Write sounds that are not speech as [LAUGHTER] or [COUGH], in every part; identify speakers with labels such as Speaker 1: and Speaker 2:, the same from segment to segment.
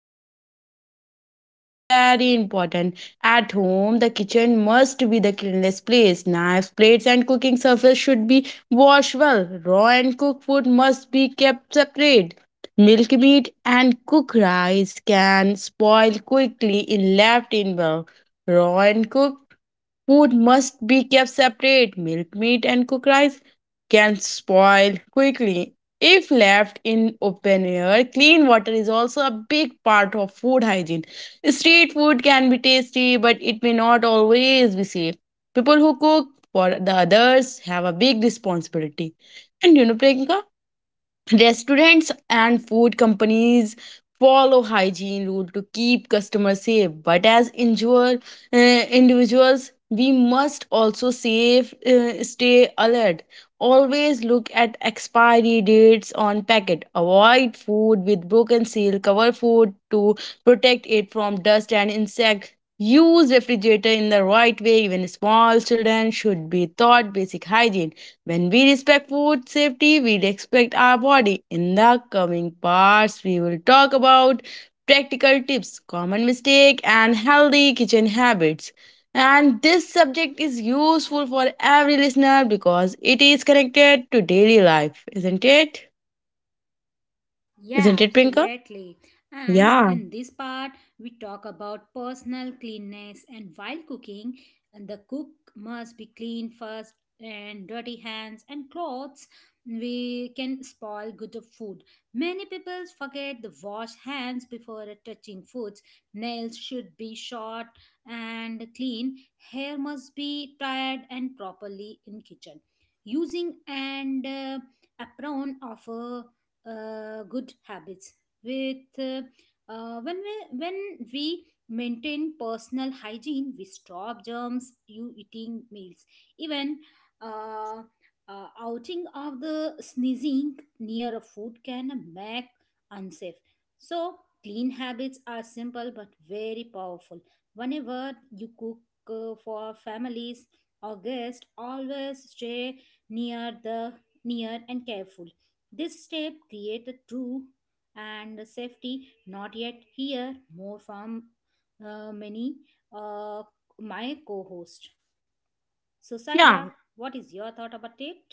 Speaker 1: That is why knowledge is very important at home. The kitchen must be the cleanest place. Knives, plates, and cooking surface should be washed well. Raw and cooked food must be kept separate. Milk meat and cooked rice can spoil quickly if left in well. Raw and cooked food must be kept separate. Milk meat and cooked rice can spoil quickly if left in open air. Clean water is also a big part of food hygiene. Street food can be tasty, but it may not always be safe. People who cook for the others have a big responsibility. And you know, Priyanka, restaurants and food companies follow hygiene rule to keep customers safe, but as individuals, we must also safe stay alert. Always look at expiry dates on packet. Avoid food with broken seal. Cover food to protect it from dust and insect. Use refrigerator in the right way. Even small children should be taught basic hygiene. When we respect food safety, we respect our body. In the coming parts, we will talk about practical tips, common mistake, and healthy kitchen habits. And this subject is useful for every listener because it is connected to daily life, isn't it?
Speaker 2: yeah,
Speaker 1: Isn't it, Prinka?
Speaker 2: absolutely. And
Speaker 1: Yeah.
Speaker 2: in this part, we talk about personal cleanness. And while cooking, the cook must be clean first, and dirty hands and clothes we can spoil good of food. Many people forget to wash hands before touching foods. Nails should be short and clean. Hair must be tied and properly in kitchen. Using and apron of good habits with when we maintain personal hygiene we stop germs you eating meals even uh, outing of the sneezing near a food can make unsafe so clean habits are simple but very powerful whenever you cook for families or guests always stay near the near and careful this step create a true and safety not yet here more from many uh, my co-host. So Saiba,
Speaker 1: Yeah.
Speaker 2: what is your thought about it?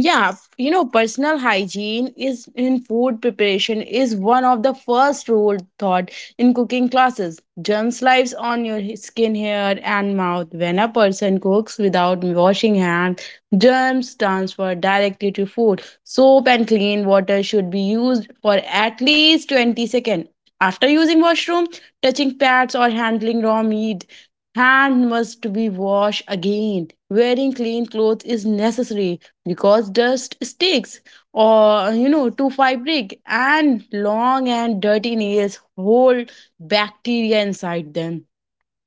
Speaker 1: Yeah, personal hygiene is in food preparation is one of the first rule taught in cooking classes. Germs lives on your skin, hair, and mouth. When a person cooks without washing hands, germs transfer directly to food. Soap and clean water should be used for at least 20 seconds. After using washroom, touching pads or handling raw meat, hand must be washed again. Wearing clean clothes is necessary because dust sticks or to fabric, and long and dirty nails hold bacteria inside them.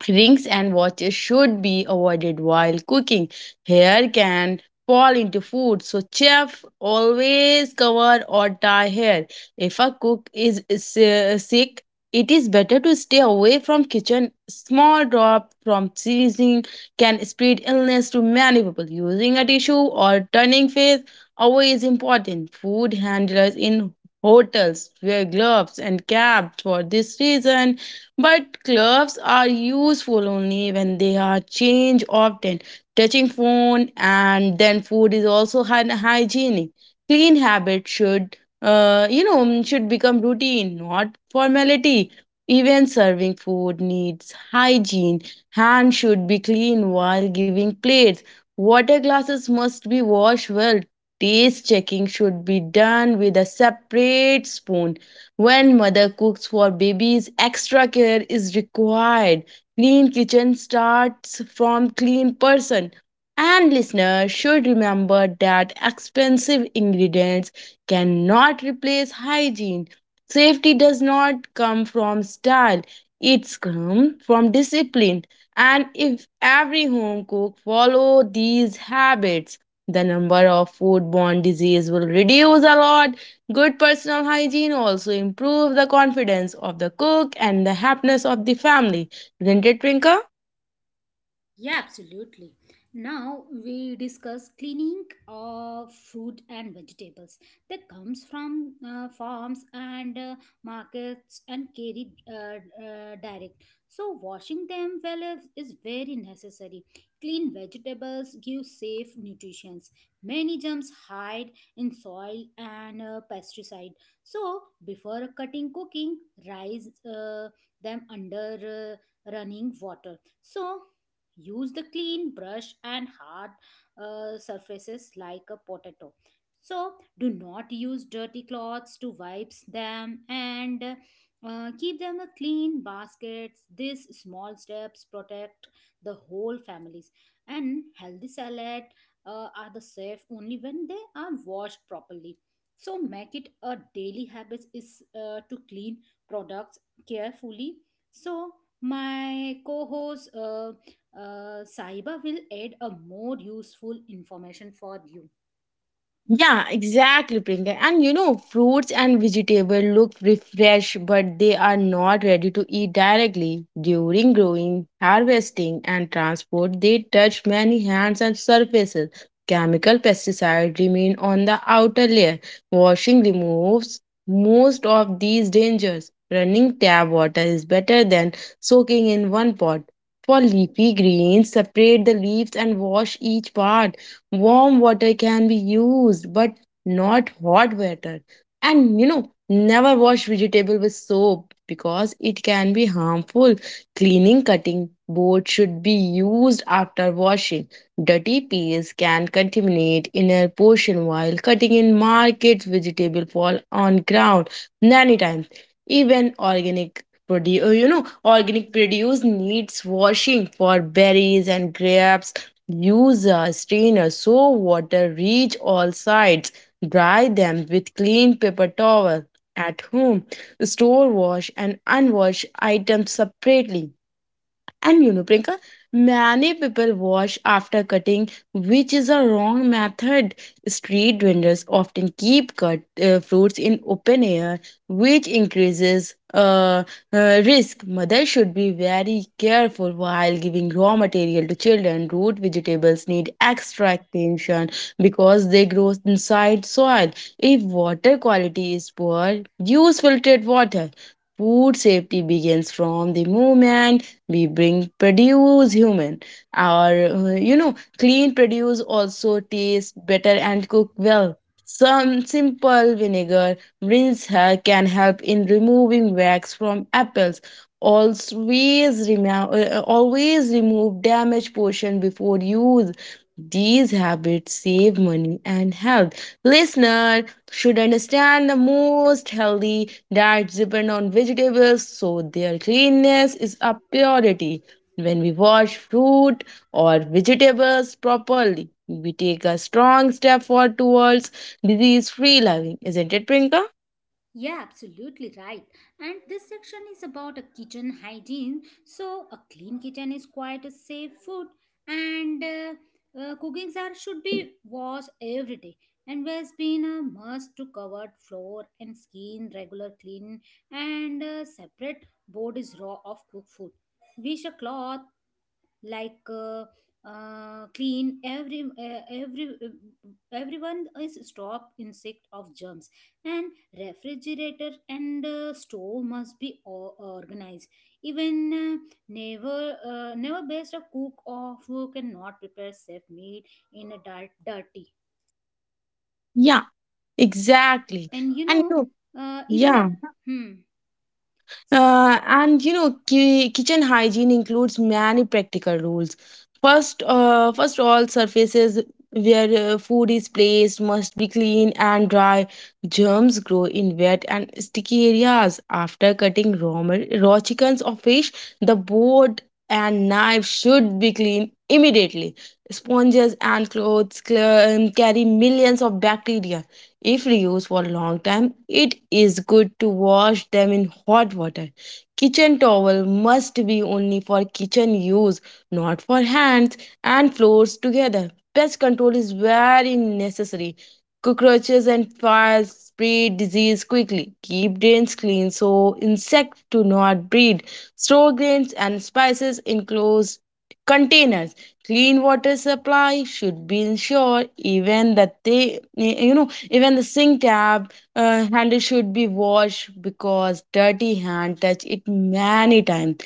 Speaker 1: Rings and watches should be avoided while cooking. Hair can fall into food, so chef always cover or tie hair. If a cook is sick, it is better to stay away from kitchen. Small drop from sneezing can spread illness to many people. Using a tissue or turning face away is important. Food handlers in hotels wear gloves and caps for this reason, but gloves are useful only when they are changed often. Touching phone and then food is also hygienic. Clean habit should become routine, not formality. Even serving food needs hygiene. Hands should be clean while giving plates. Water glasses must be washed well. Taste checking should be done with a separate spoon. When mother cooks for babies, extra care is required. Clean kitchen starts from clean person. And listeners should remember that expensive ingredients cannot replace hygiene. Safety does not come from style, it's come from discipline. And if every home cook follow these habits, the number of foodborne disease will reduce a lot. Good personal hygiene also improves the confidence of the cook and the happiness of the family. Isn't it, Trinka?
Speaker 2: Yeah, absolutely. Now we discuss cleaning of fruit and vegetables that comes from farms and markets and carried direct. So washing them well is very necessary. Clean vegetables give safe nutrition. Many germs hide in soil and pesticide. So before cutting, cooking, rise them under running water. So use the clean brush and hard surfaces like a potato so do not use dirty cloths to wipe them and keep them a clean baskets these small steps protect the whole families and healthy salad are the safe only when they are washed properly so make it a daily habit is to clean products carefully so my co-host Saiba will add a more useful information for you.
Speaker 1: Yeah, exactly, Priyanka. And fruits and vegetables look refreshed, but they are not ready to eat directly. During growing, harvesting, and transport, they touch many hands and surfaces. Chemical pesticides remain on the outer layer. Washing removes most of these dangers. Running tap water is better than soaking in one pot. For leafy greens, separate the leaves and wash each part. Warm water can be used, but not hot water. And never wash vegetable with soap because it can be harmful. Cleaning cutting board should be used after washing. Dirty peels can contaminate inner portion while cutting in markets. Vegetable fall on ground many times. Even organic produce needs washing. For berries and grapes, use a strainer, so water reach all sides. Dry them with clean paper towel. At home, store wash and unwashed items separately. And you know, Priyanka, many people wash after cutting, which is a wrong method. Street vendors often keep cut fruits in open air, which increases risk. Mothers should be very careful while giving raw material to children. Root vegetables need extra attention because they grow inside soil. If water quality is poor, use filtered water. Food safety begins from the moment we bring produce human. Our clean produce also tastes better and cook well. Some simple vinegar rinse can help in removing wax from apples. Always remove damaged portion before use. These habits save money and health. Listener should understand the most healthy diets depend on vegetables, so their cleanness is a purity. When we wash fruit or vegetables properly, we take a strong step forward towards disease free living. Isn't it, Prinka?
Speaker 2: Yeah, absolutely right. And this section is about a kitchen hygiene. So a clean kitchen is quite a safe food, and cooking jar should be washed every day. And waste bin a must to covered floor and skin regular clean and separate board is raw of cooked food. Wish a cloth like clean everyone is stop insect of germs and refrigerator and stove must be organized even never best a cook or who cannot prepare safe meat in a dirty
Speaker 1: Yeah, exactly.
Speaker 2: and you
Speaker 1: And
Speaker 2: know
Speaker 1: you know,
Speaker 2: even a
Speaker 1: yeah.
Speaker 2: hmm.
Speaker 1: And you know, ki- Kitchen hygiene includes many practical rules. First, all surfaces where food is placed must be clean and dry. Germs grow in wet and sticky areas. After cutting raw chickens or fish, the board and knife should be cleaned immediately. Sponges and clothes carry millions of bacteria. If reused for a long time, it is good to wash them in hot water. Kitchen towel must be only for kitchen use, not for hands and floors together. Pest control is very necessary. Cockroaches and flies spread disease quickly. Keep drains clean so insects do not breed. Store grains and spices in closed containers. Clean water supply should be ensured. Even that they you know even the sink tap handle should be washed because dirty hand touch it many times.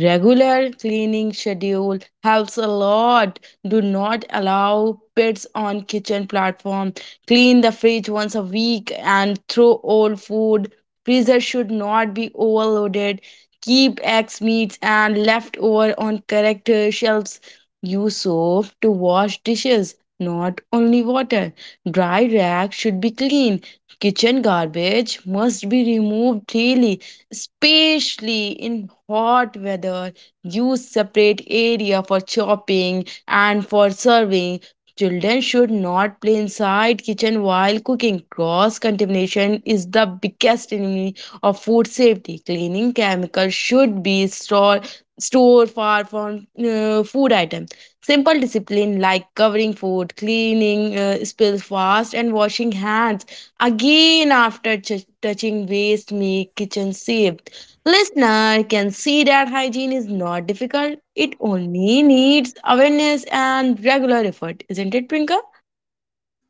Speaker 1: Regular cleaning schedule helps a lot. Do not allow pets on kitchen platform. Clean the fridge once a week and throw old food. Freezer should not be overloaded. Keep eggs, meats, and leftover on correct shelves. Use soap to wash dishes, not only water. Dry racks should be clean. Kitchen garbage must be removed daily, especially in hot weather. Use separate area for chopping and for serving. Children should not play inside kitchen while cooking. Cross contamination is the biggest enemy of food safety. Cleaning chemicals should be stored store far from food items. Simple discipline like covering food, cleaning spills fast, and washing hands again after touching waste make kitchen safe. Listener can see that hygiene is not difficult. It only needs awareness and regular effort, isn't it, Prinka?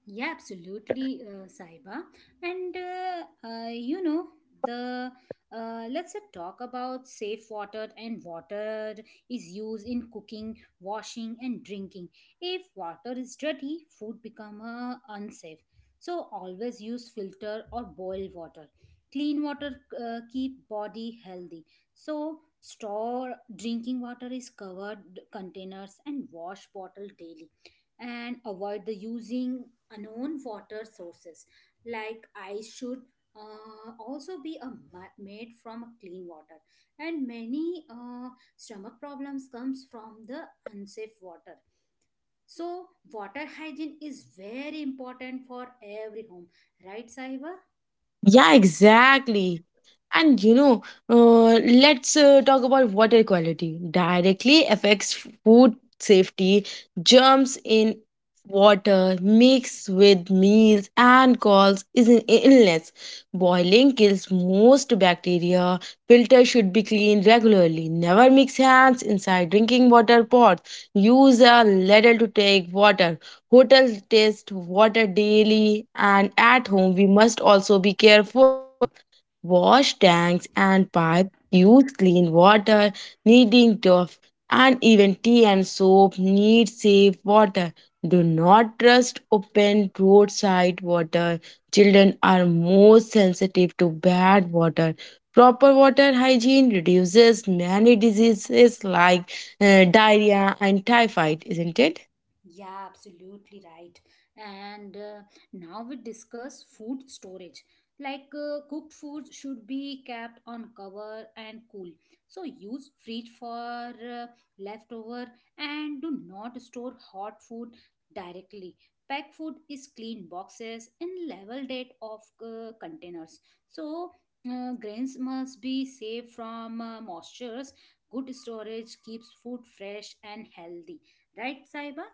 Speaker 2: Yeah, absolutely, Saiba. And you know the let's talk about safe water and water is used in cooking, washing, and drinking. If water is dirty, food become unsafe. So always use filter or boil water. Clean water keep body healthy. So store drinking water is covered containers and wash bottle daily and avoid the using unknown water sources like ice should also be a made from clean water and many stomach problems comes from the unsafe water so water hygiene is very important for every home right Saiba.
Speaker 1: Yeah, exactly. And you know, let's talk about water quality. Directly affects food safety, germs in water mix with meals and cause is an illness. Boiling kills most bacteria. Filters should be cleaned regularly. Never mix hands inside drinking water pots. Use a ladle to take water. Hotels test water daily and at home we must also be careful. Wash tanks and pipes use clean water, needing tough, and even tea and soap need safe water. Do not trust open roadside water. Children are more sensitive to bad water. Proper water hygiene reduces many diseases like diarrhea and typhoid, isn't it?
Speaker 2: Yeah, absolutely right. And now we discuss food storage. Like cooked food should be kept on cover and cool. So use fridge for leftover and do not store hot food directly. Pack food is clean boxes and level date of containers. So grains must be safe from moistures. Good storage keeps food fresh and healthy. Right, Saiba?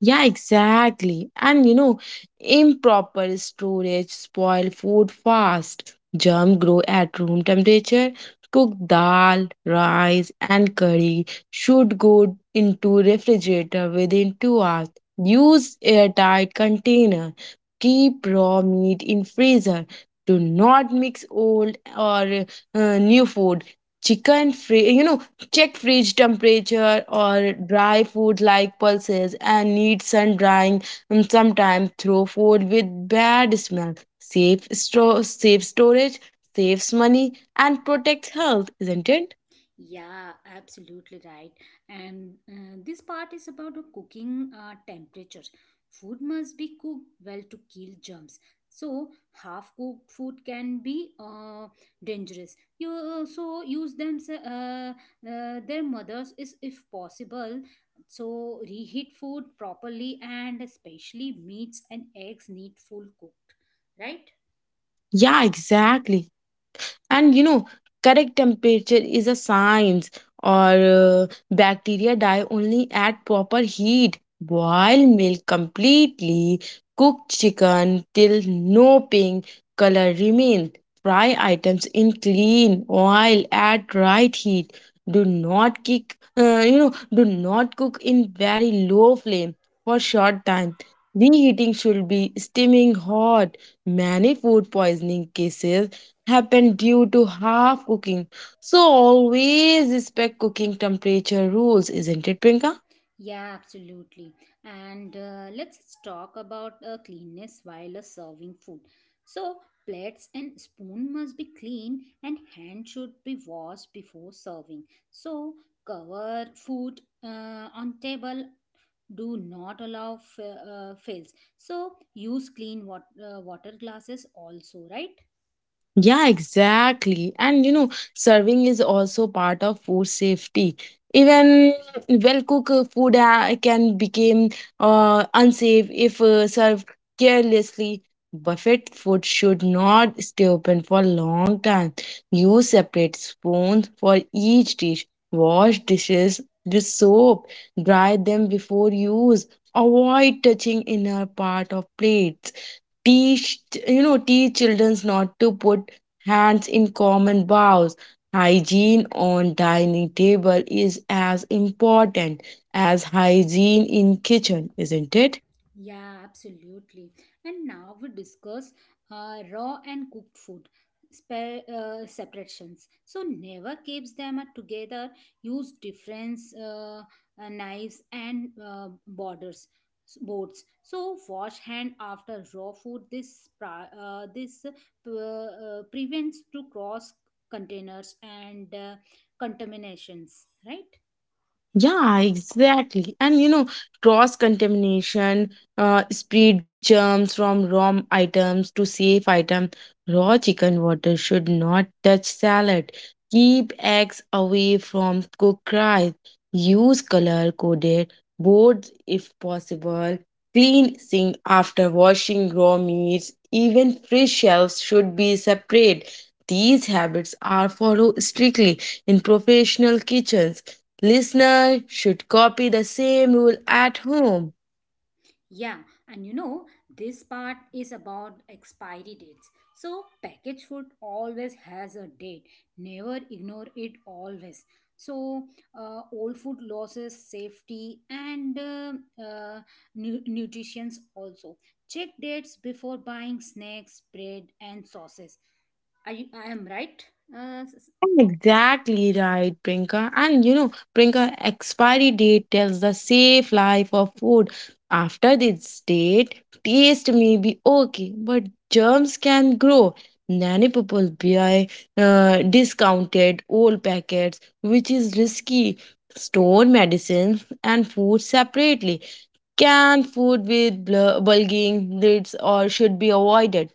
Speaker 1: Yeah, exactly. And improper storage spoil food fast. Germ grow at room temperature. Cooked dal, rice, and curry should go into refrigerator within 2 hours. Use airtight container. Keep raw meat in freezer. Do not mix old or new food. Chicken free, check fridge temperature or dry food like pulses and need sun drying and sometimes throw food with bad smell. Safe storage saves money and protects health, isn't it?
Speaker 2: Yeah, absolutely right. And this part is about the cooking temperature. Food must be cooked well to kill germs. So half cooked food can be dangerous. You also use them their mothers is if possible. So reheat food properly and especially meats and eggs need full cooked, right?
Speaker 1: Yeah, exactly. And you know, correct temperature is a science. Or Bacteria die only at proper heat. Boil milk completely. Cook chicken till no pink color remains. Fry items in clean oil at right heat. Do not kick you know Do not cook in very low flame for short time. Reheating should be steaming hot. Many food poisoning cases happen due to half cooking. So always respect cooking temperature rules, isn't it, Prinka?
Speaker 2: Yeah, absolutely. And let's talk about cleanness while serving food. So, plates and spoon must be clean and hand should be washed before serving. So, cover food on table. Do not allow fails. So, use water glasses also, right?
Speaker 1: Yeah, exactly. And serving is also part of food safety. Even well-cooked food can become unsafe if served carelessly. Buffet food should not stay open for a long time. Use separate spoons for each dish. Wash dishes with soap. Dry them before use. Avoid touching inner part of plates. Teach teach children not to put hands in common bows. Hygiene on dining table is as important as hygiene in kitchen, isn't it?
Speaker 2: Yeah, absolutely. And now we discuss raw and cooked food separations. So never keeps them at together. Use different knives and boards. So wash hand after raw food. This pra- this p- prevents to cross containers and contaminations. Right.
Speaker 1: Yeah, exactly. And you know, cross contamination, spread germs from raw items to safe item. Raw chicken water should not touch salad. Keep eggs away from cooked rice. Use color coded boards if possible. Clean sink after washing raw meats. Even fresh shelves should be separate. These habits are followed strictly in professional kitchens. Listener should copy the same rule at home.
Speaker 2: Yeah, and you know, this part is about expiry dates. So, packaged food always has a date, never ignore it always. So, old food losses safety and uh, nutritions also. Check dates before buying snacks, bread, and sauces. Are you, I am right? Uh, s- s-
Speaker 1: Exactly right, Prinka. And you know, Prinka, expiry date tells the safe life of food. After this date, taste may be okay, but germs can grow. Many people buy discounted old packets, which is risky. Store medicines and food separately. Canned food with bulging lids or should be avoided.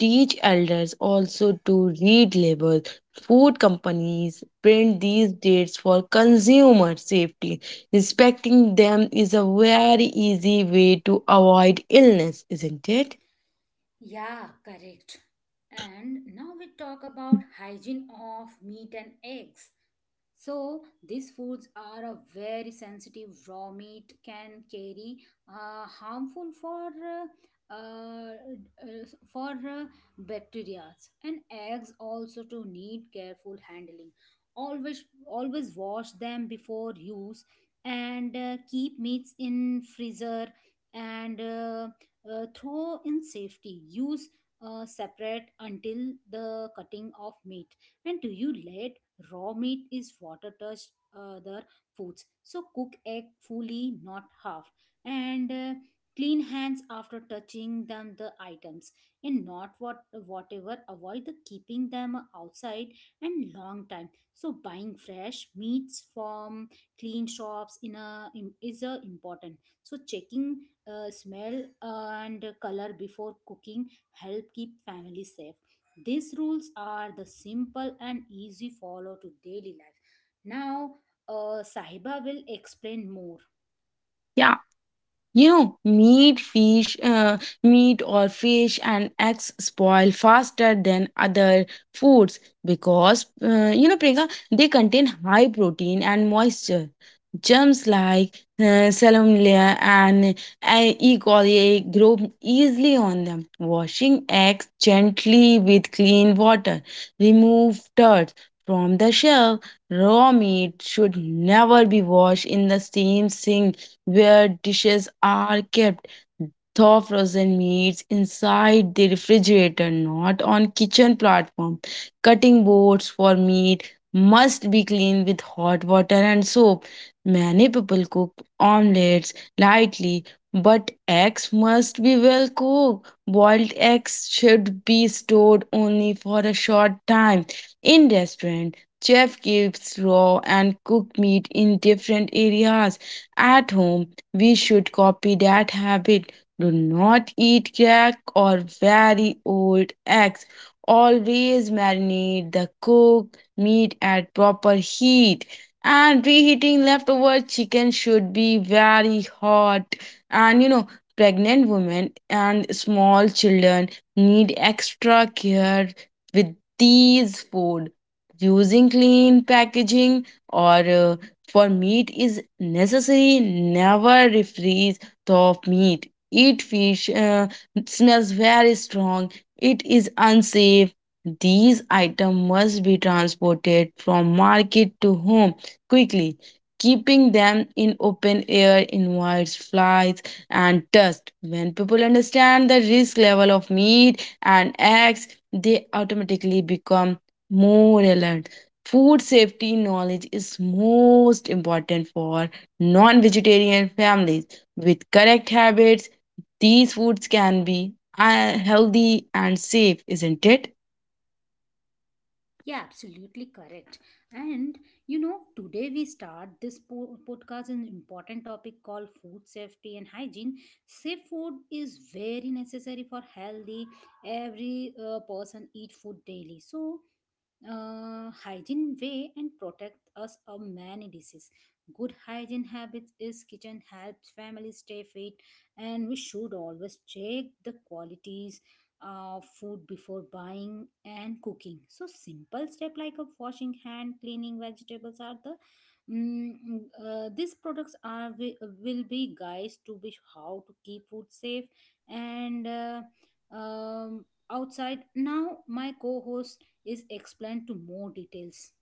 Speaker 1: Teach elders also to read labels. Food companies print these dates for consumer safety. Respecting them is a very easy way to avoid illness, isn't it?
Speaker 2: yeah, correct. And now we talk about hygiene of meat and eggs. So these foods are a very sensitive raw meat can carry harmful for bacteria and eggs also to need careful handling. Always wash them before use and keep meats in freezer and throw in safety. Use separate until the cutting of meat. And do you let raw meat is water touched other foods. So cook egg fully, not half. And clean hands after touching them the items and not what whatever avoid the keeping them outside and long time so buying fresh meats from clean shops in a is a important so checking smell and color before cooking help keep family safe these rules are the simple and easy follow to daily life now Sahiba will explain more.
Speaker 1: Yeah. You know, meat, fish, meat or fish and eggs spoil faster than other foods because, you know, Priyanka, they contain high protein and moisture. Germs like salmonella and E. coli grow easily on them. Washing eggs gently with clean water. Remove dirt from the shell. Raw meat should never be washed in the same sink where dishes are kept. Thaw frozen meats inside the refrigerator, not on kitchen platform. Cutting boards for meat must be cleaned with hot water and soap. Many people cook omelets lightly, but eggs must be well cooked. Boiled eggs should be stored only for a short time. In restaurant, chef keeps raw and cooked meat in different areas. At home, we should copy that habit. Do not eat crack or very old eggs. Always marinate the cooked meat at proper heat. And reheating leftover chicken should be very hot. And you know, pregnant women and small children need extra care with these food. Using clean packaging or for meat is necessary, never refreeze the meat. Eat fish, smells very strong, it is unsafe. These items must be transported from market to home quickly. Keeping them in open air invites flies and dust. When people understand the risk level of meat and eggs, they automatically become more alert. Food safety knowledge is most important for non vegetarian families. With correct habits, these foods can be healthy and safe, isn't it?
Speaker 2: Yeah, absolutely correct. And you know, today we start this podcast an important topic called food safety and hygiene. Safe food is very necessary for healthy every person eat food daily so hygiene way and protect us of many diseases. Good hygiene habits is kitchen helps families stay fit, and we should always check the qualities of food before buying and cooking. So simple step like a washing hand, cleaning vegetables are the mm, these products are will be guides to be how to keep food safe and um, outside. Now my co-host is explained to more details.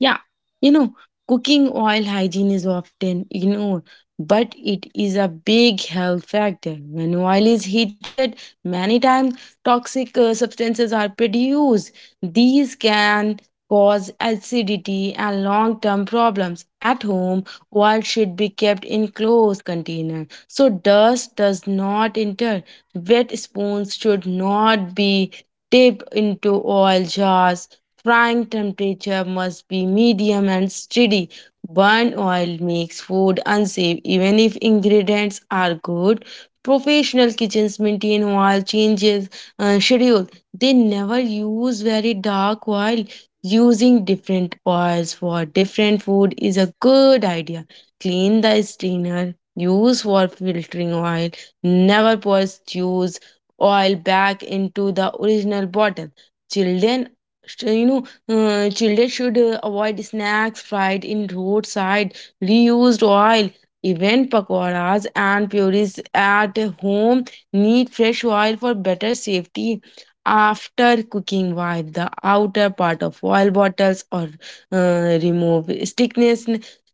Speaker 1: Yeah. you know, cooking oil hygiene is often ignored, but it is a big health factor. When oil is heated many times, toxic substances are produced. These can cause acidity and long-term problems. At home, oil should be kept in closed container so dust does not enter. Wet spoons should not be dipped into oil jars. Frying temperature must be medium and steady. Burnt oil makes food unsafe even if ingredients are good. Professional kitchens maintain oil changes schedule. They never use very dark oil. Using different oils for different food is a good idea. Clean the strainer. Use for filtering oil. Never pour stews oil back into the original bottle. Children, you know, children should avoid snacks fried in roadside reused oil. Even pakoras and puris at home need fresh oil for better safety. After cooking, wipe the outer part of oil bottles or remove stickness.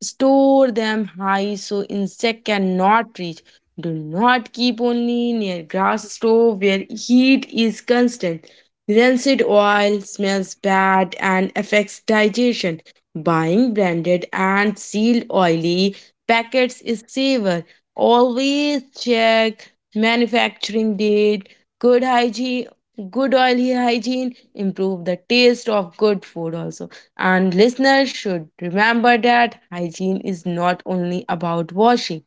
Speaker 1: Store them high so insect cannot reach. Do not keep only near grass stove where heat is constant. Rancid oil smells bad and affects digestion. Buying branded and sealed oily packets is safer. Always check manufacturing date. Good hygiene, good oily hygiene improve the taste of good food also. And listeners should remember that hygiene is not only about washing.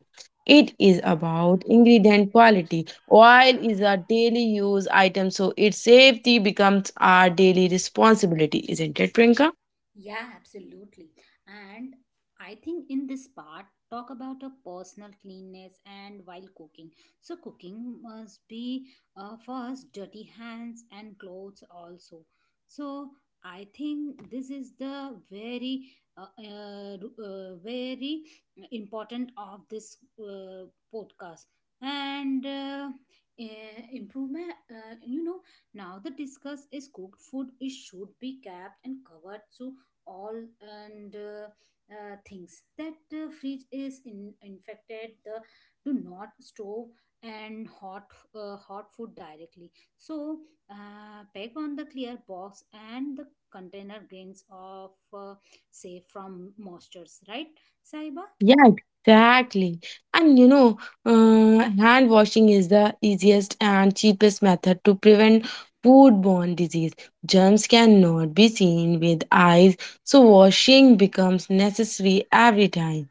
Speaker 1: It is about ingredient quality. Oil is a daily use item, so its safety becomes our daily responsibility, isn't it, Priyanka?
Speaker 2: Yeah, absolutely. And I think in this part, talk about a personal cleanness and while cooking. So, cooking must be first dirty hands and clothes also. So, I think this is the very important of this podcast. And improvement, you know, now the discuss is cooked food. It should be kept and covered so all and things that fridge is in, infected the do not store and hot food directly so pack on the clear box and the container grains of uh, say from moistures right Saiba.
Speaker 1: Yeah. Exactly. And you know, hand washing is the easiest and cheapest method to prevent foodborne disease. Germs cannot be seen with eyes, so washing becomes necessary every time.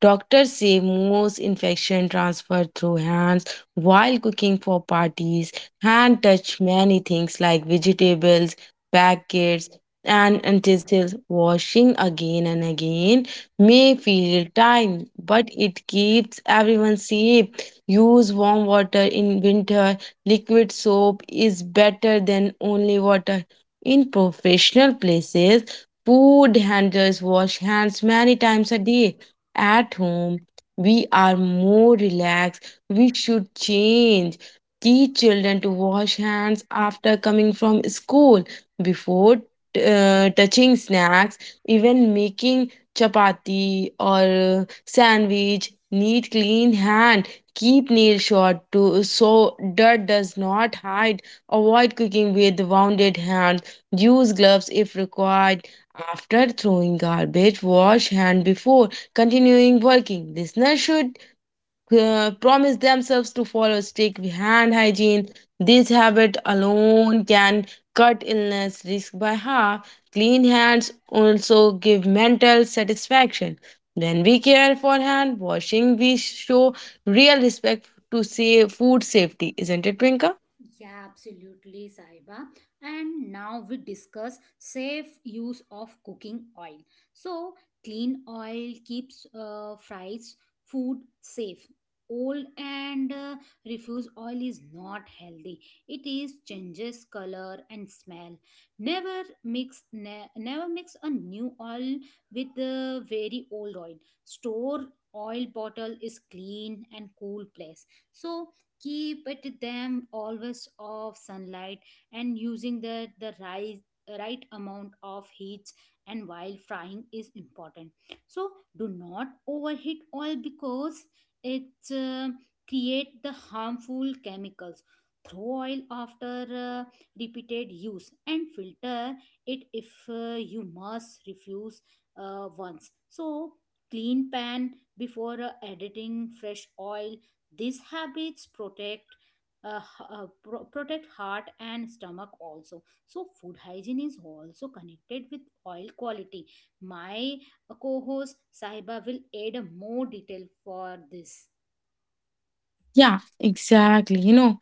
Speaker 1: Doctors say most infection transfer through hands while cooking for parties. Hand touch many things like vegetables, packets, and utensils. Washing again and again may feel time, but it keeps everyone safe. Use warm water in winter. Liquid soap is better than only water. In professional places, food handlers wash hands many times a day. At home, we are more relaxed. We should change. Teach children to wash hands after coming from school, before touching snacks, even making chapati or sandwich. Need clean hand. Keep nail short to so dirt does not hide. Avoid cooking with wounded hand. Use gloves if required. After throwing garbage, wash hand before continuing working. Listeners should promise themselves to follow strict hand hygiene. This habit alone can cut illness risk by half. Clean hands also give mental satisfaction. When we care for hand washing, we show real respect to say food safety, isn't it, Twinkle?
Speaker 2: Yeah, absolutely, Saiba. And now we discuss safe use of cooking oil. So, clean oil keeps fries food safe. Old and refuse oil is not healthy. It is changes color and smell. Never mix a new oil with the very old oil. Store oil bottle is clean and cool place. So keep it them always of sunlight and using the right amount of heat and while frying is important so do not overheat oil because it create the harmful chemicals throw oil after repeated use and filter it if you must refuse once so clean pan before editing fresh oil these habits protect protect heart and stomach also. So food hygiene is also connected with oil quality. My co-host Sahiba will add more detail for this.
Speaker 1: Yeah, exactly. You know,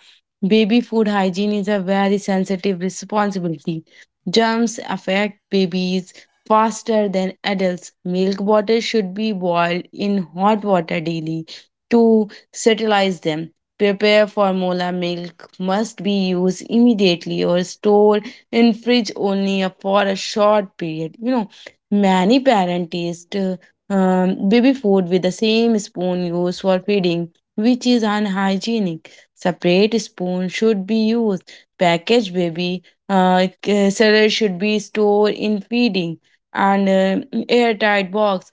Speaker 1: baby food hygiene is a very sensitive responsibility. Germs affect babies faster than adults. Milk bottles should be boiled in hot water daily to sterilize them. Prepare formula milk must be used immediately or stored in fridge only for a short period. You know, many parents taste baby food with the same spoon used for feeding, which is unhygienic. Separate spoon should be used. Packaged baby cereal should be stored in feeding and airtight box.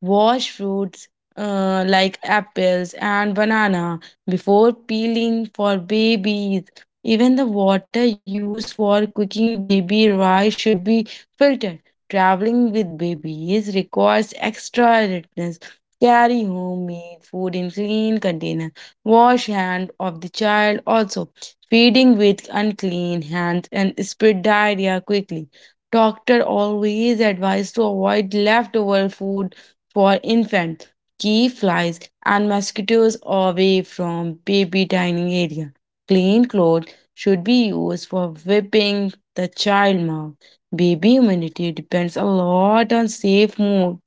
Speaker 1: Wash fruits like apples and banana before peeling for babies. Even the water used for cooking baby rice should be filtered. Traveling with babies requires extra alertness. Carry homemade food in clean container. Wash hand of the child also. Feeding with unclean hands and spread diarrhea quickly. Doctor always advised to avoid leftover food for infants. Keep flies and mosquitoes away from baby dining area. Clean clothes should be used for wiping the child mouth. Baby immunity depends a lot on safe mood.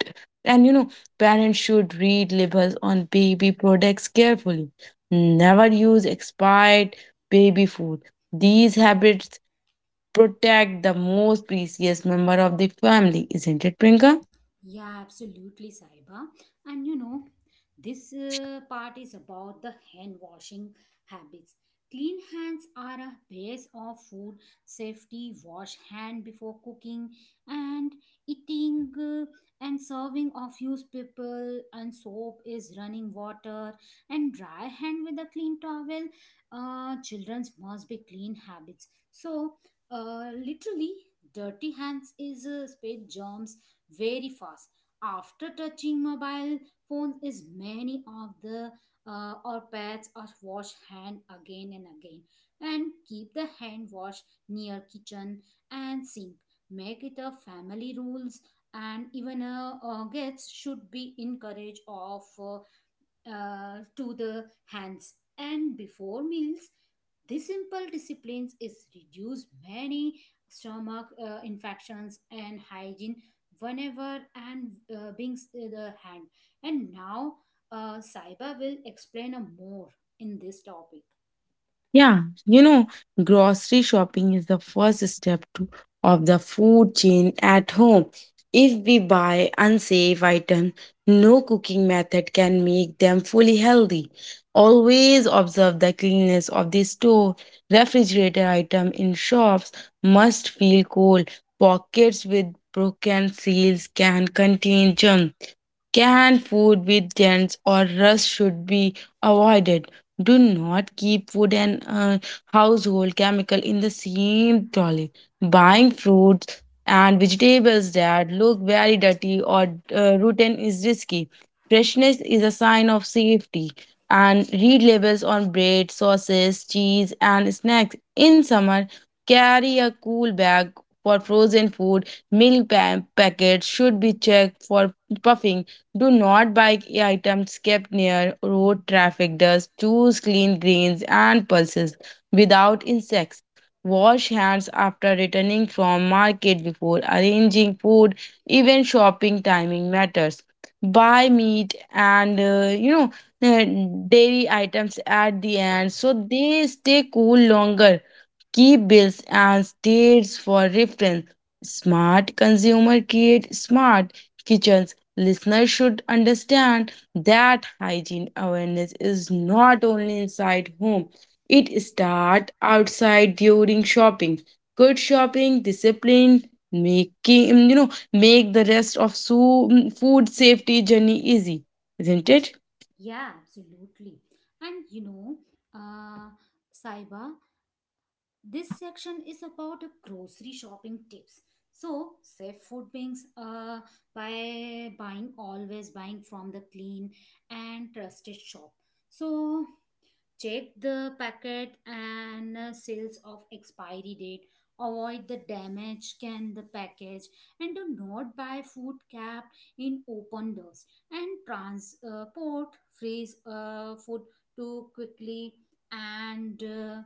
Speaker 1: And you know, parents should read labels on baby products carefully. Never use expired baby food. These habits protect the most precious member of the family, isn't it, Prinka?
Speaker 2: Yeah, absolutely, Saiba. And you know, this part is about the hand washing habits. Clean hands are a base of food safety. Wash hand before cooking and eating and serving of used people and soap is running water and dry hand with a clean towel. Children's must be clean habits. So, literally, dirty hands is spread germs very fast after touching mobile phones is many of the or pets or wash hand again and again and keep the hand wash near kitchen and sink make it a family rules and even guests should be encouraged of to the hands and before meals this simple disciplines is reduce many stomach infections and hygiene whenever and the hand. And now Saiba will explain a more in this topic.
Speaker 1: Yeah, you know, grocery shopping is the first step to, of the food chain at home. If we buy unsafe items, no cooking method can make them fully healthy. Always observe the cleanliness of the store. Refrigerator item in shops must feel cold. Pockets with broken seals can contain germs. Canned food with dents or rust should be avoided. Do not keep food and household chemical in the same trolley. Buying fruits and vegetables that look very dirty or rotten is risky. Freshness is a sign of safety. And read labels on bread, sauces, cheese, and snacks. In summer, carry a cool bag for frozen food. Milk packets should be checked for puffing. Do not buy items kept near road traffic dust. Choose clean greens and pulses without insects. Wash hands after returning from market before arranging food. Even shopping timing matters. Buy meat and you know, uh, dairy items at the end so they stay cool longer, key bills and states for reference. Smart consumer create smart kitchens. Listeners should understand that hygiene awareness is not only inside home. It starts outside during shopping. Good shopping discipline making you know make the rest of so, food safety journey easy, isn't it?
Speaker 2: Yeah, absolutely. And you know, uh, Saiba,
Speaker 1: Yeah.
Speaker 2: this section is about grocery shopping tips. So, save food beings by buying always buying from the clean and trusted shop. So, check the packet and sales of expiry date, avoid the damage can the package, and do not buy food kept in open doors, and transport freeze food too quickly, and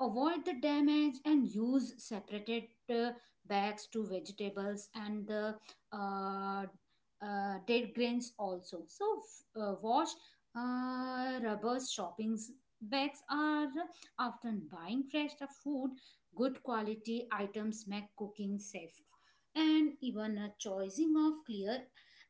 Speaker 2: avoid the damage, and use separated uh, bags to vegetables and the uh, dead grains also, so wash rubber shopping bags are often buying fresh food, good quality items make cooking safe, and even a choosing of clear,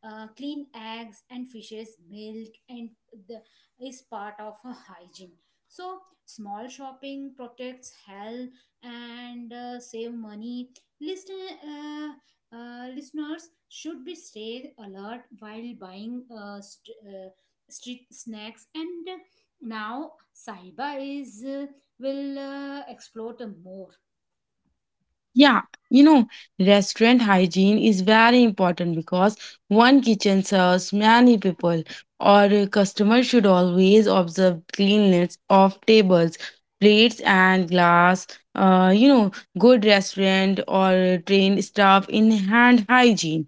Speaker 2: clean eggs and fishes, milk, and the, is part of a hygiene. So small shopping protects health and save money. Listen, listeners should be stay alert while buying street snacks and now, Saiba is will explore more.
Speaker 1: Yeah, you know, restaurant hygiene is very important because one kitchen serves many people, or a customer should always observe cleanliness of tables, plates, and glass. You know, good restaurant or trained staff in hand hygiene,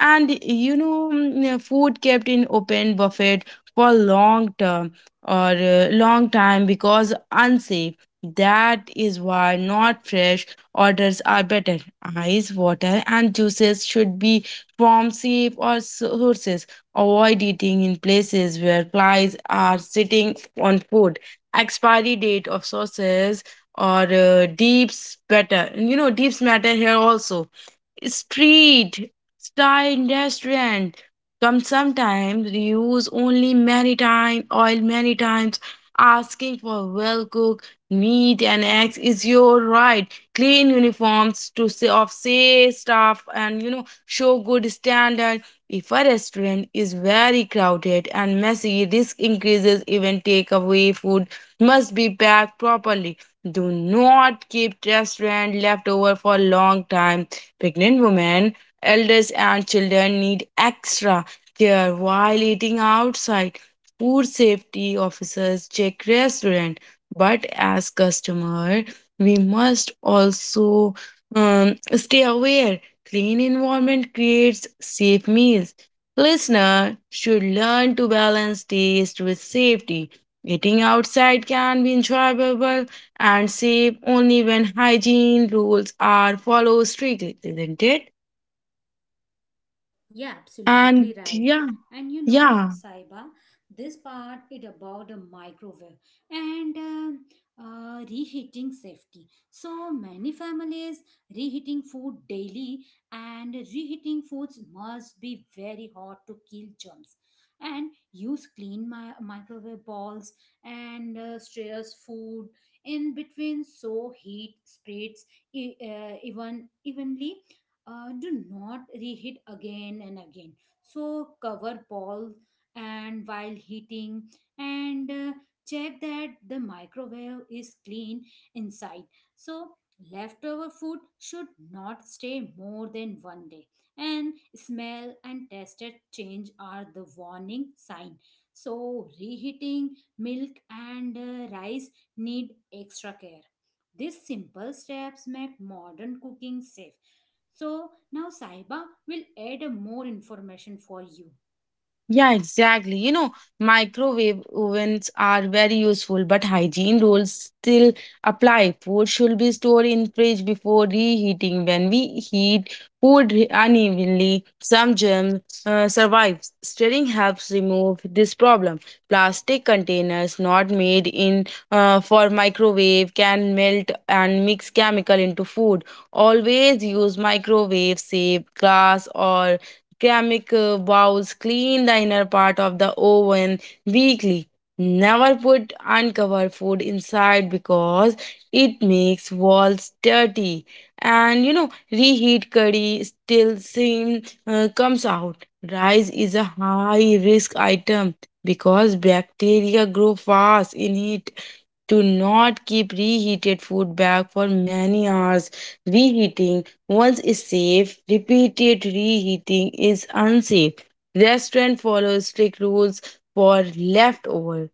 Speaker 1: and you know, food kept in open buffet for long term or long time because unsafe. That is why not fresh orders are better. Ice, water, and juices should be from safe or sources. Avoid eating in places where flies are sitting on food. Expiry date of sauces or deeps better. You know, deeps matter here also. Street style restaurant come sometimes use only maritime oil many times. Asking for well cooked meat and eggs is your right. Clean uniforms to say of say staff, and you know, show good standard if a restaurant is very crowded and messy, this increases. Even takeaway food must be packed properly. Do not keep restaurant leftover for long time. Pregnant women, elders, and children need extra care while eating outside. Food safety officers check restaurant, but as customer, we must also stay aware. Clean environment creates safe meals. Listener should learn to balance taste with safety. Eating outside can be enjoyable and save only when hygiene rules are followed strictly, isn't it?
Speaker 2: Yeah, absolutely
Speaker 1: And
Speaker 2: right.
Speaker 1: yeah,
Speaker 2: And you know,
Speaker 1: yeah.
Speaker 2: Saiba, this part is about a microwave and reheating safety. So many families reheating food daily, and reheating foods must be very hot to kill germs. And use clean microwave bowls and straws food in between so heat spreads even evenly. Do not reheat again and again. So cover balls and while heating, and check that the microwave is clean inside. So leftover food should not stay more than one day, and smell and taste change are the warning sign. So reheating milk and rice need extra care. These simple steps make modern cooking safe. So now Saiba will add a more information for you.
Speaker 1: Yeah, exactly. You know, microwave ovens are very useful, but hygiene rules still apply. Food should be stored in fridge before reheating. When we heat food unevenly, some germs survive. Stirring helps remove this problem. Plastic containers not made in for microwave can melt and mix chemical into food. Always use microwave safe glass or ceramic bowls. Clean the inner part of the oven weekly. Never put uncovered food inside because it makes walls dirty. And you know, reheat curry still same comes out. Rice is a high risk item because bacteria grow fast in heat. Do not keep reheated food back for many hours. Reheating once is safe, repeated reheating is unsafe. Restaurant follows strict rules for leftover.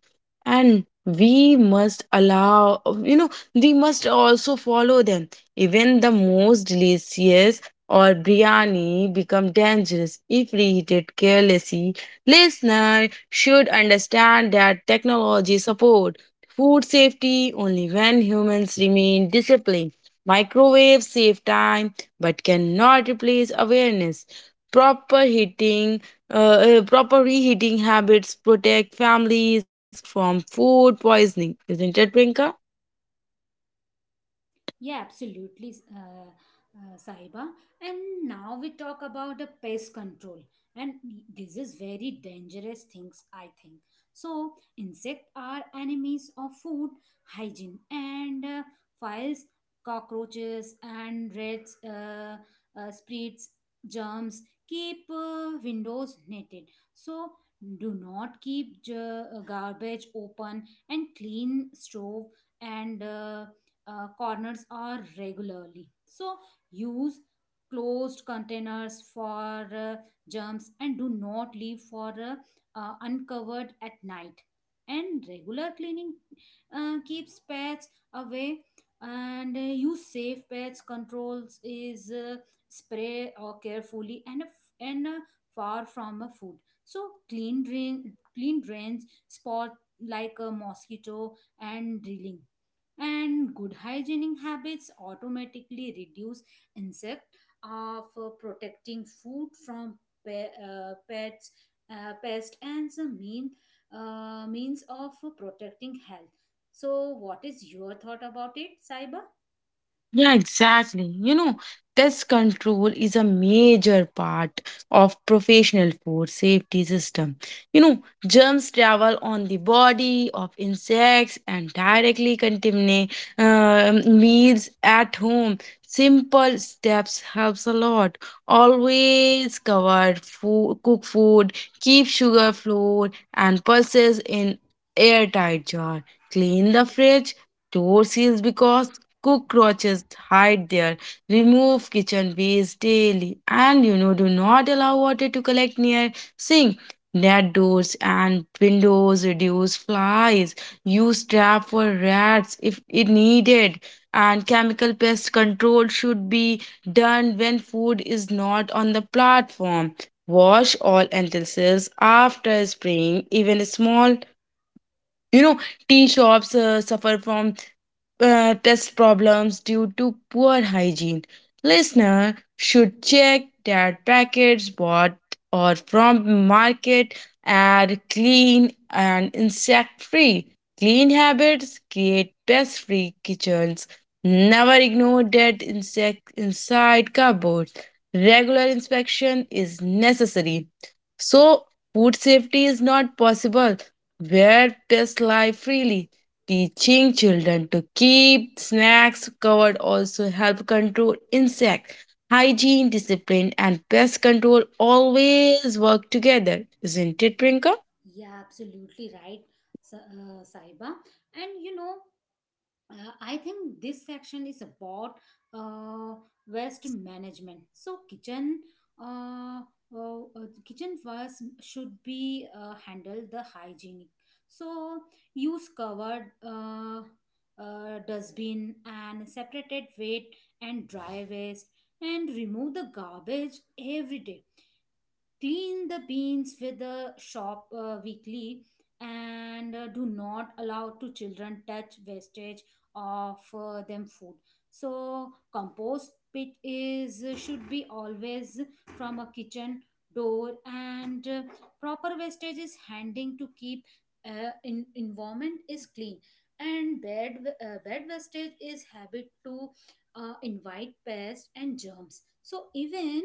Speaker 1: And we must allow, you know, we must also follow them. Even the most delicious or biryani become dangerous if reheated carelessly. Listener should understand that technology support food safety only when humans remain disciplined. Microwaves save time, but cannot replace awareness. Proper heating, proper reheating habits protect families from food poisoning, isn't it, Prinka?
Speaker 2: Yeah, absolutely, Sahiba. And now we talk about the pest control, and this is very dangerous things, I think. So, insects are enemies of food hygiene, and files, cockroaches, and rats, spreads, germs, keep windows netted. So, do not keep garbage open, and clean stove and corners are regularly. So use closed containers for germs, and do not leave for uncovered at night. And regular cleaning keeps pets away and use safe pets controls is spray or carefully and a f- and far from a food. So clean drains spot like a mosquito and drilling, and good hygienic habits automatically reduce insect for protecting food from pe- pets pest and the mean means of protecting health. So what is your thought about it, Saiba?
Speaker 1: Yeah, exactly. You know, pest control is a major part of professional food safety system. You know, germs travel on the body of insects and directly contaminate meals at home. Simple steps helps a lot. Always cover food, cook food, keep sugar, flour, and pulses in airtight jar. Clean the fridge, door seals because cockroaches hide there, remove kitchen waste daily, and you know, do not allow water to collect near sink. Net doors and windows reduce flies, use trap for rats if it needed, and chemical pest control should be done when food is not on the platform. Wash all utensils after spraying, even small you know, tea shops suffer from pest problems due to poor hygiene. Listener should check that packets bought or from market are clean and insect free. Clean habits create pest free kitchens. Never ignore dead insects inside cupboards. Regular inspection is necessary. So, food safety is not possible where pests lie freely. Teaching children to keep snacks covered also help control insects. Hygiene, discipline, and pest control always work together, isn't it, Prinka?
Speaker 2: Yeah, absolutely right, Saiba. And you know, I think this section is about uh, waste management. So kitchen, uh, kitchen waste should be handled the hygienic. So use covered dustbin and separated wet and dry waste, and remove the garbage every day, clean the beans with the shop weekly, and do not allow to children touch wastage of them food. So compost pit is should be always from a kitchen door, and proper wastage is handing to keep in, environment is clean, and bed wastage is habit to invite pests and germs. So even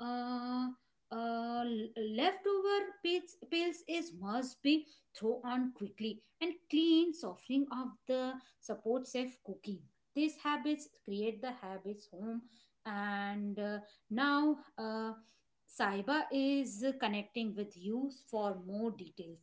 Speaker 2: uh, uh, l- leftover pits pills is must be thrown on quickly, and clean softening of the support safe cooking. These habits create the habits home, and now Saiba is connecting with you for more details.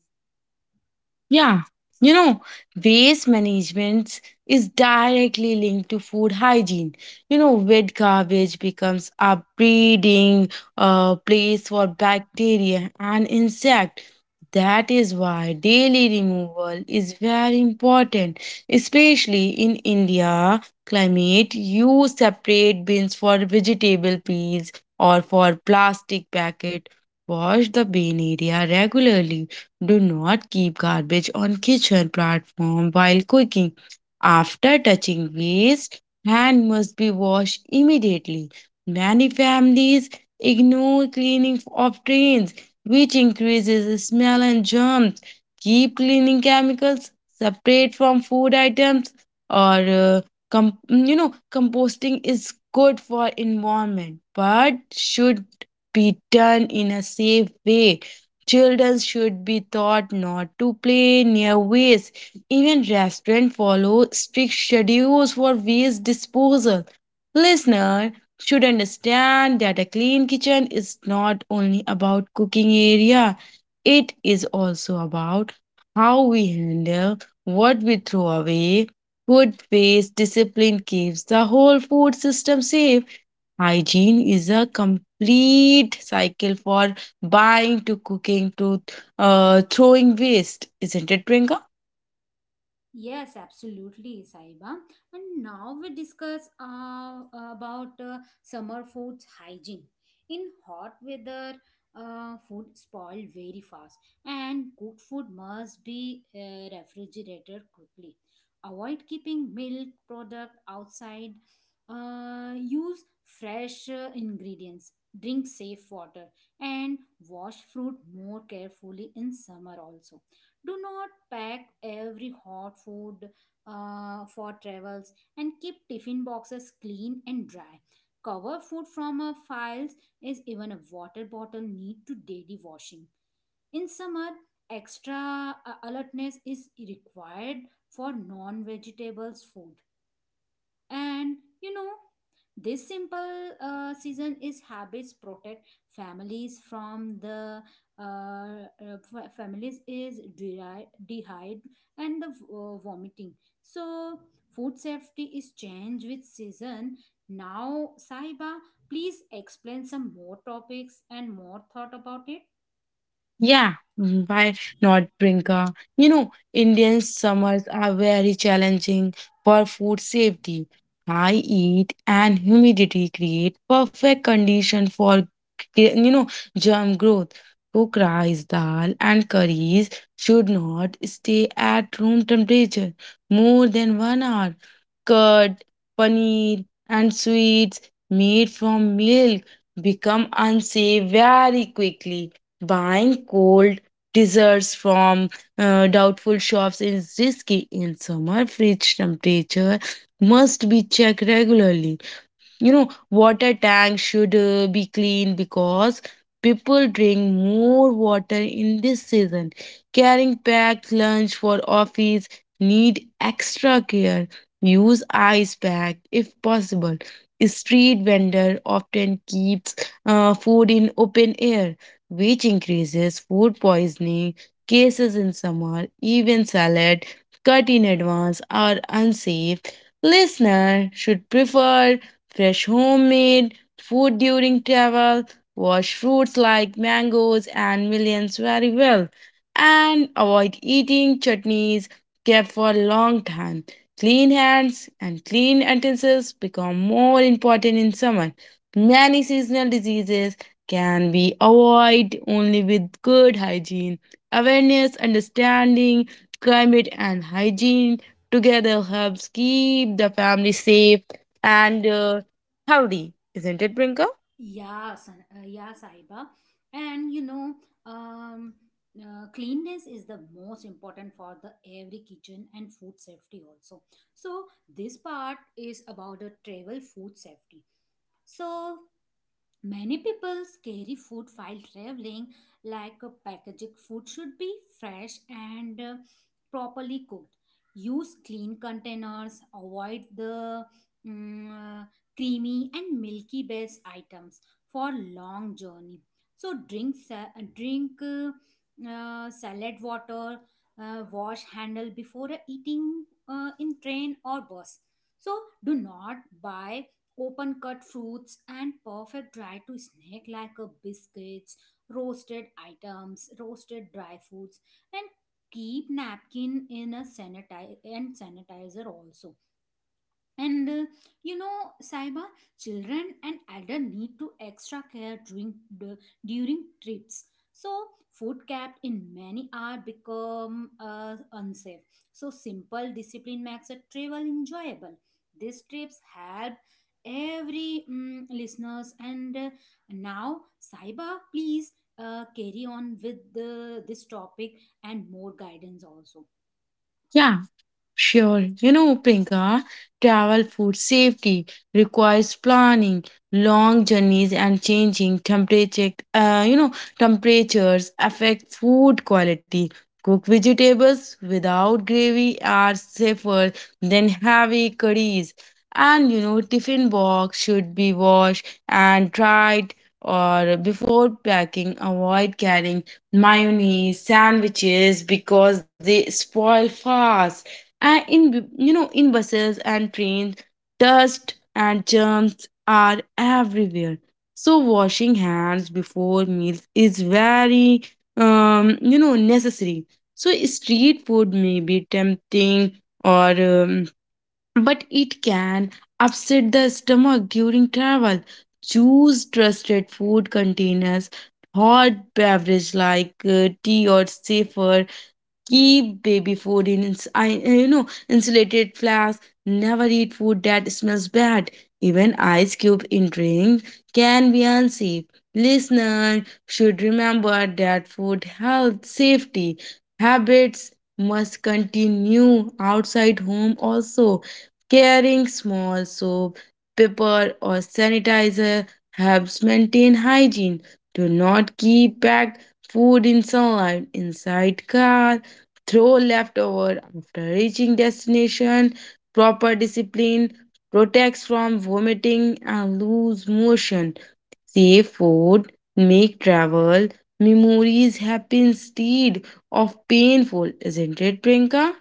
Speaker 1: Yeah, you know, waste management is directly linked to food hygiene. You know, wet garbage becomes a breeding place for bacteria and insect. That is why daily removal is very important, especially in India climate. You separate bins for vegetable peels or for plastic packet. Wash the bin area regularly. Do not keep garbage on kitchen platform while cooking. After touching waste, hand must be washed immediately. Many families ignore cleaning of drains, which increases the smell and germs. Keep cleaning chemicals separate from food items or you know, composting is good for environment but should be done in a safe way. Children should be taught not to play near waste. Even restaurants follow strict schedules for waste disposal. Listener should understand that a clean kitchen is not only about cooking area, it is also about how we handle what we throw away. Good waste discipline keeps the whole food system safe. Hygiene is a complete cycle for buying to cooking to throwing waste, isn't it, Prinka?
Speaker 2: Yes, absolutely, Saiba. And now we discuss about summer foods hygiene. In hot weather, food spoil very fast, and cooked food must be refrigerated quickly. Avoid keeping milk product outside. Use fresh ingredients. Drink safe water and wash fruit more carefully in summer also. Do not pack every hot food for travels, and keep tiffin boxes clean and dry, cover food from files is even a water bottle need to daily washing in summer. Extra alertness is required for non vegetables food. And you know, this simple season is habits protect families from the families is dehydrate and the vomiting. So food safety is changed with season. Now, Saiba, please explain some more topics and more thought about it.
Speaker 1: Yeah, why not, Prinka? You know, Indian summers are very challenging for food safety. High heat and humidity create perfect condition for you know, germ growth. Cooked rice, dal, and curries should not stay at room temperature more than 1 hour. Curd, paneer, and sweets made from milk become unsafe very quickly. Buying cold desserts from doubtful shops is risky in summer. Fridge temperature must be checked regularly. You know, water tank should be clean because people drink more water in this season. Carrying packed lunch for office need extra care. Use ice pack if possible. Street vendor often keeps food in open air, which increases food poisoning cases in summer. Even salad cut in advance are unsafe. Listener should prefer fresh homemade food during travel, wash fruits like mangoes and millions very well, and avoid eating chutneys kept for a long time. Clean hands and clean utensils become more important in summer. Many seasonal diseases can be avoided only with good hygiene. Awareness, understanding, climate, and hygiene together helps keep the family safe and healthy, isn't it, Brinker?
Speaker 2: Yeah, Saiba. And you know, um, cleanness is the most important for the every kitchen and food safety also. So this part is about the travel food safety. So many people carry food while traveling, like a packaged food should be fresh and properly cooked. Use clean containers, avoid the mm, uh, creamy and milky based items for long journey. So drink salad water, wash handle before eating in train or bus. So do not buy open cut fruits and perfect dry to snack like a biscuits, roasted items, roasted dry foods, and keep napkin in a sanitizer and sanitizer also, and you know, Saiba, children and elder need to extra care during the, during trips. So food kept in many are become unsafe. So simple discipline makes a travel enjoyable. These trips help every listeners and now, Saiba, please carry on with the, this topic and more guidance also.
Speaker 1: Yeah, sure, you know, Pinka, travel food safety requires planning, long journeys, and changing temperature. You know, temperatures affect food quality. Cooked vegetables without gravy are safer than heavy curries. And you know, tiffin box should be washed and dried or before packing. Avoid carrying mayonnaise sandwiches because they spoil fast. And you know, in buses and trains dust and germs are everywhere, so washing hands before meals is very you know, necessary. So street food may be tempting or but it can upset the stomach during travel. Choose trusted food containers. Hot beverage like tea or safer. Keep baby food in, you know, insulated flasks. Never eat food that smells bad. Even ice cube in drink can be unsafe. Listener should remember that food health safety habits must continue outside home also. Carrying small soap, paper or sanitizer helps maintain hygiene. Do not keep packed food in sunlight inside car. Throw leftover after reaching destination. Proper discipline protects from vomiting and loose motion. Safe food make travel memories happen instead of painful, isn't it, Prinka?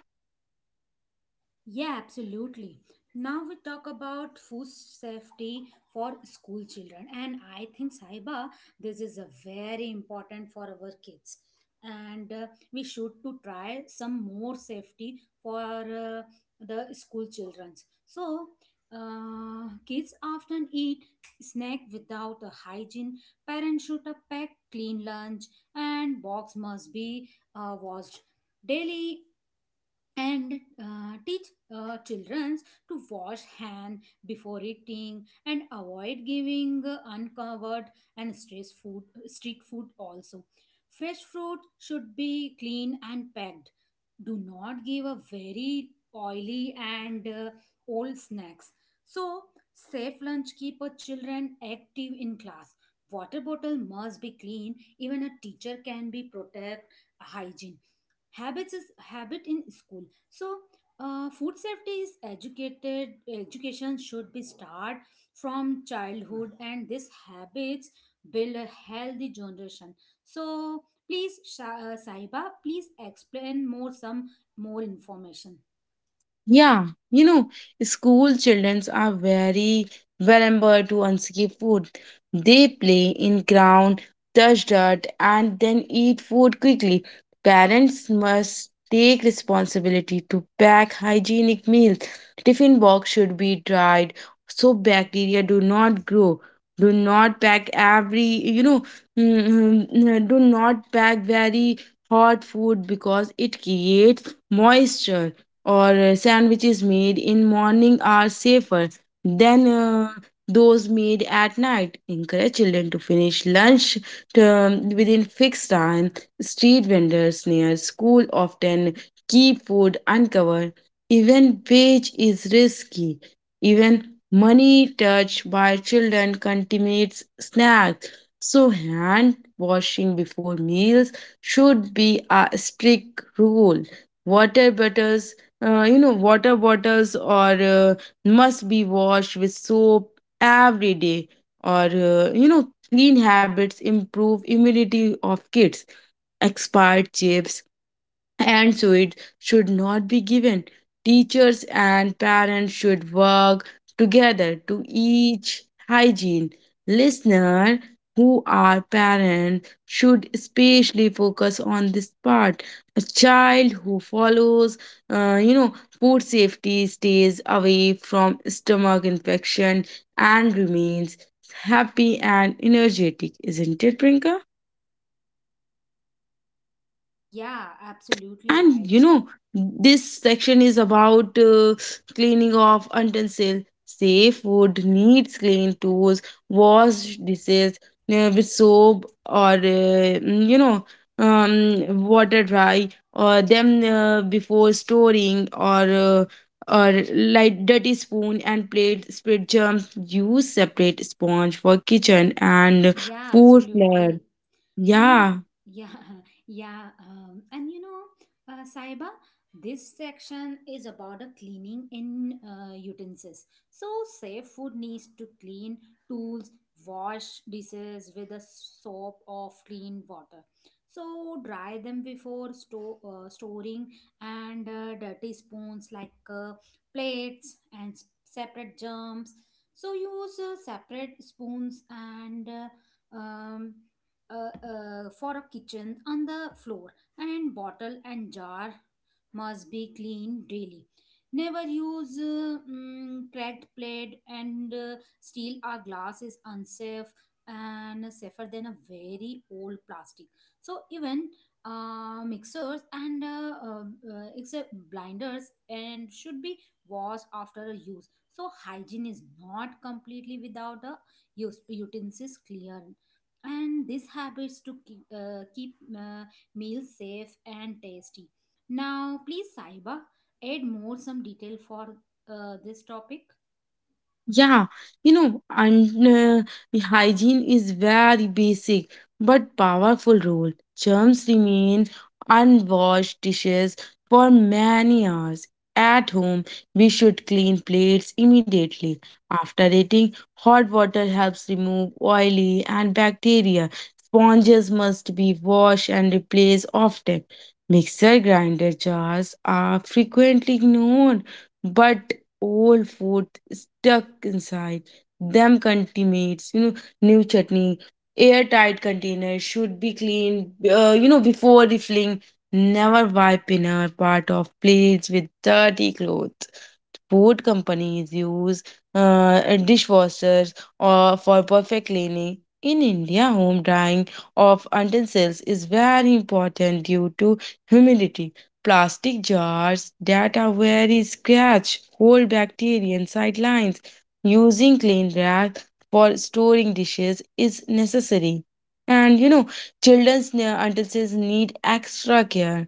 Speaker 2: Yeah, absolutely. Now we talk about food safety for school children, and I think, Saiba, this is a very important for our kids, and we should to try some more safety for the school childrens. So kids often eat snack without a hygiene. Parents should pack clean lunch, and box must be washed daily, and teach children to wash hand before eating, and avoid giving uncovered and stress food street food also. Fresh fruit should be clean and packed. Do not give a very oily and old snacks. So safe lunch keep a children active in class. Water bottle must be clean, even a teacher can be protect. Hygiene habits is habit in school. So, food safety is educated. Education should be start from childhood, and these habits build a healthy generation. So, please, Sahiba, please explain more some more information.
Speaker 1: Yeah, you know, school children are very vulnerable to unsafe food. They play in ground, touch dirt, and then eat food quickly. Parents must take responsibility to pack hygienic meals. Tiffin box should be dried so bacteria do not grow. Do not pack every, you know, [LAUGHS] do not pack very hot food because it creates moisture or sandwiches made in morning are safer than those made at night. Encourage children to finish lunch term within fixed time. Street vendors near school often keep food uncovered. Even wage is risky. Even money touched by children contaminates snacks, so hand washing before meals should be a strict rule. Water bottles You know, water bottles or must be washed with soap every day. Or you know, clean habits improve immunity of kids. Expired chips and so it should not be given. Teachers and parents should work together to each hygiene. Listener who are parents should especially focus on this part. A child who follows, you know, food safety stays away from stomach infection and remains happy and energetic, isn't it, Prinka?
Speaker 2: Yeah, absolutely
Speaker 1: And you
Speaker 2: right.
Speaker 1: know, this section is about cleaning of utensil, safe food, needs clean tools, wash dishes with soap or you know, water, dry or them before storing or like dirty spoon and plate spread germs. Use separate sponge for kitchen and
Speaker 2: Yeah,
Speaker 1: food flare.
Speaker 2: absolutely. And you
Speaker 1: Yeah.
Speaker 2: yeah [LAUGHS] yeah and you know, Saiba, this section is about a cleaning in utensils. So safe food needs to clean tools, wash dishes with a soap or clean water, so dry them before storing, and dirty spoons like plates and separate germs. So use separate spoons and um, for a kitchen on the floor, and bottle and jar must be cleaned daily. Never use cracked plate, and steel or glass is unsafe and safer than a very old plastic. So even mixers and except blinders and should be washed after a use. So hygiene is not completely without a use utensils clear, and these habits to keep meals safe and tasty. Now, please, Saiba, add more some detail for this topic.
Speaker 1: Yeah, you know, and the hygiene is very basic but powerful rule. Germs remain unwashed dishes for many hours. At home, we should clean plates immediately. After eating, hot water helps remove oily and bacteria. Sponges must be washed and replaced often. Mixer grinder jars are frequently ignored, but old food stuck inside them contaminates, you know, new chutney. Airtight containers should be cleaned, you know, before refilling. Never wipe inner part of plates with dirty clothes. Food companies use uh, dishwashers or for perfect cleaning. In India, home drying of utensils is very important due to humidity. Plastic jars that are very scratch hold bacteria and sidelines. Using clean rack for storing dishes is necessary. And you know, utensils need extra care.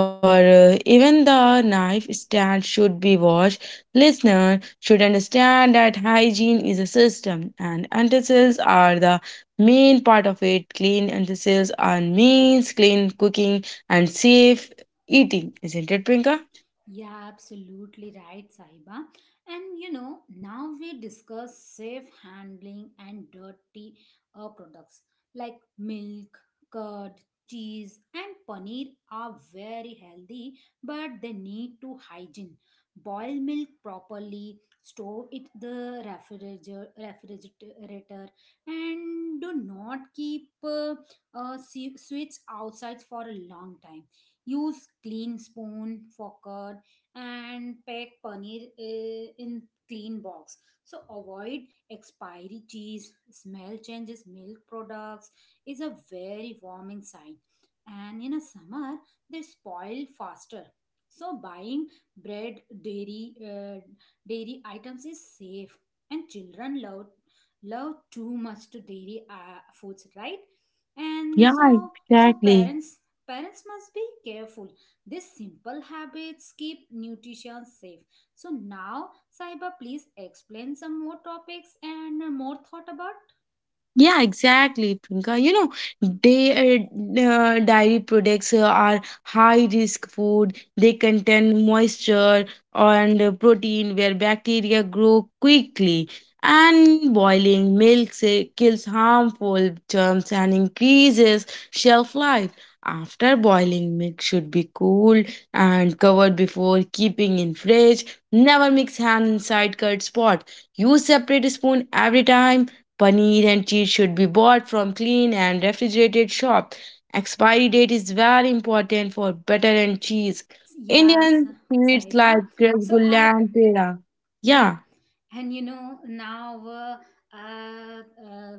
Speaker 1: Or even the knife stand should be washed. Listener should understand that hygiene is a system and utensils are the main part of it. Clean utensils are means clean cooking and safe eating, isn't it, Prinka?
Speaker 2: Yeah, absolutely right, Sahiba. And you know, now we discuss safe handling and dirty products like milk, curd, cheese, and paneer are very healthy, but they need to hygiene. Boil milk properly, store it the refrigerator, refrigerator, and do not keep sweets outside for a long time. Use clean spoon, fork, and pack paneer in clean box. So avoid expiry cheese, smell changes, milk products is a very warming sign. And in a summer, they spoil faster. So buying bread, dairy items is safe, and children love too much to dairy foods, right? And
Speaker 1: Yeah,
Speaker 2: so so
Speaker 1: exactly.
Speaker 2: parents, parents must be careful. These simple habits keep nutrition safe. So now, Saiba, please explain some more topics and more thought about.
Speaker 1: Yeah, exactly, Twinkle. You know, they dairy products are high risk food. They contain moisture and protein where bacteria grow quickly. And boiling milk say, kills harmful germs and increases shelf life. After boiling, milk should be cooled and covered before keeping in fridge. Never mix hand inside curd spot. Use separate spoon every time. Paneer and cheese should be bought from clean and refrigerated shop. Expiry date is very important for butter and cheese.
Speaker 2: Yes,
Speaker 1: Indian sweets like
Speaker 2: Saiba. So I,
Speaker 1: rasgulla and pera.
Speaker 2: yeah,
Speaker 1: Yeah,
Speaker 2: and you know now uh, uh,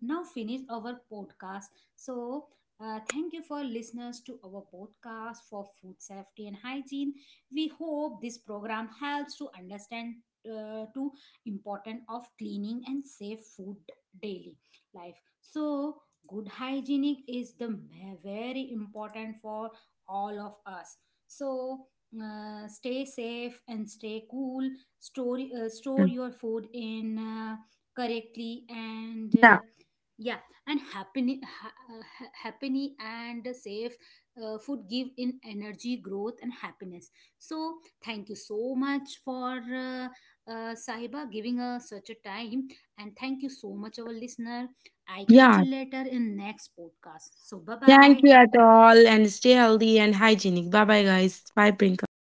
Speaker 2: now finish our podcast. So thank you for listeners to our podcast for food safety and hygiene. We hope this program helps to understand to important of cleaning and safe food daily life. So good hygienic is the very important for all of us. So stay safe and stay cool, store store
Speaker 1: mm,
Speaker 2: your food in correctly, and
Speaker 1: yeah.
Speaker 2: yeah, and happy and safe food give in energy growth and happiness. So thank you so much for Saiba giving us such a time, and thank you so much our listener. I catch you
Speaker 1: Yeah.
Speaker 2: later in next podcast. So bye
Speaker 1: Thank
Speaker 2: bye.
Speaker 1: you at all and stay healthy and hygienic. Bye bye guys. Bye Prinka.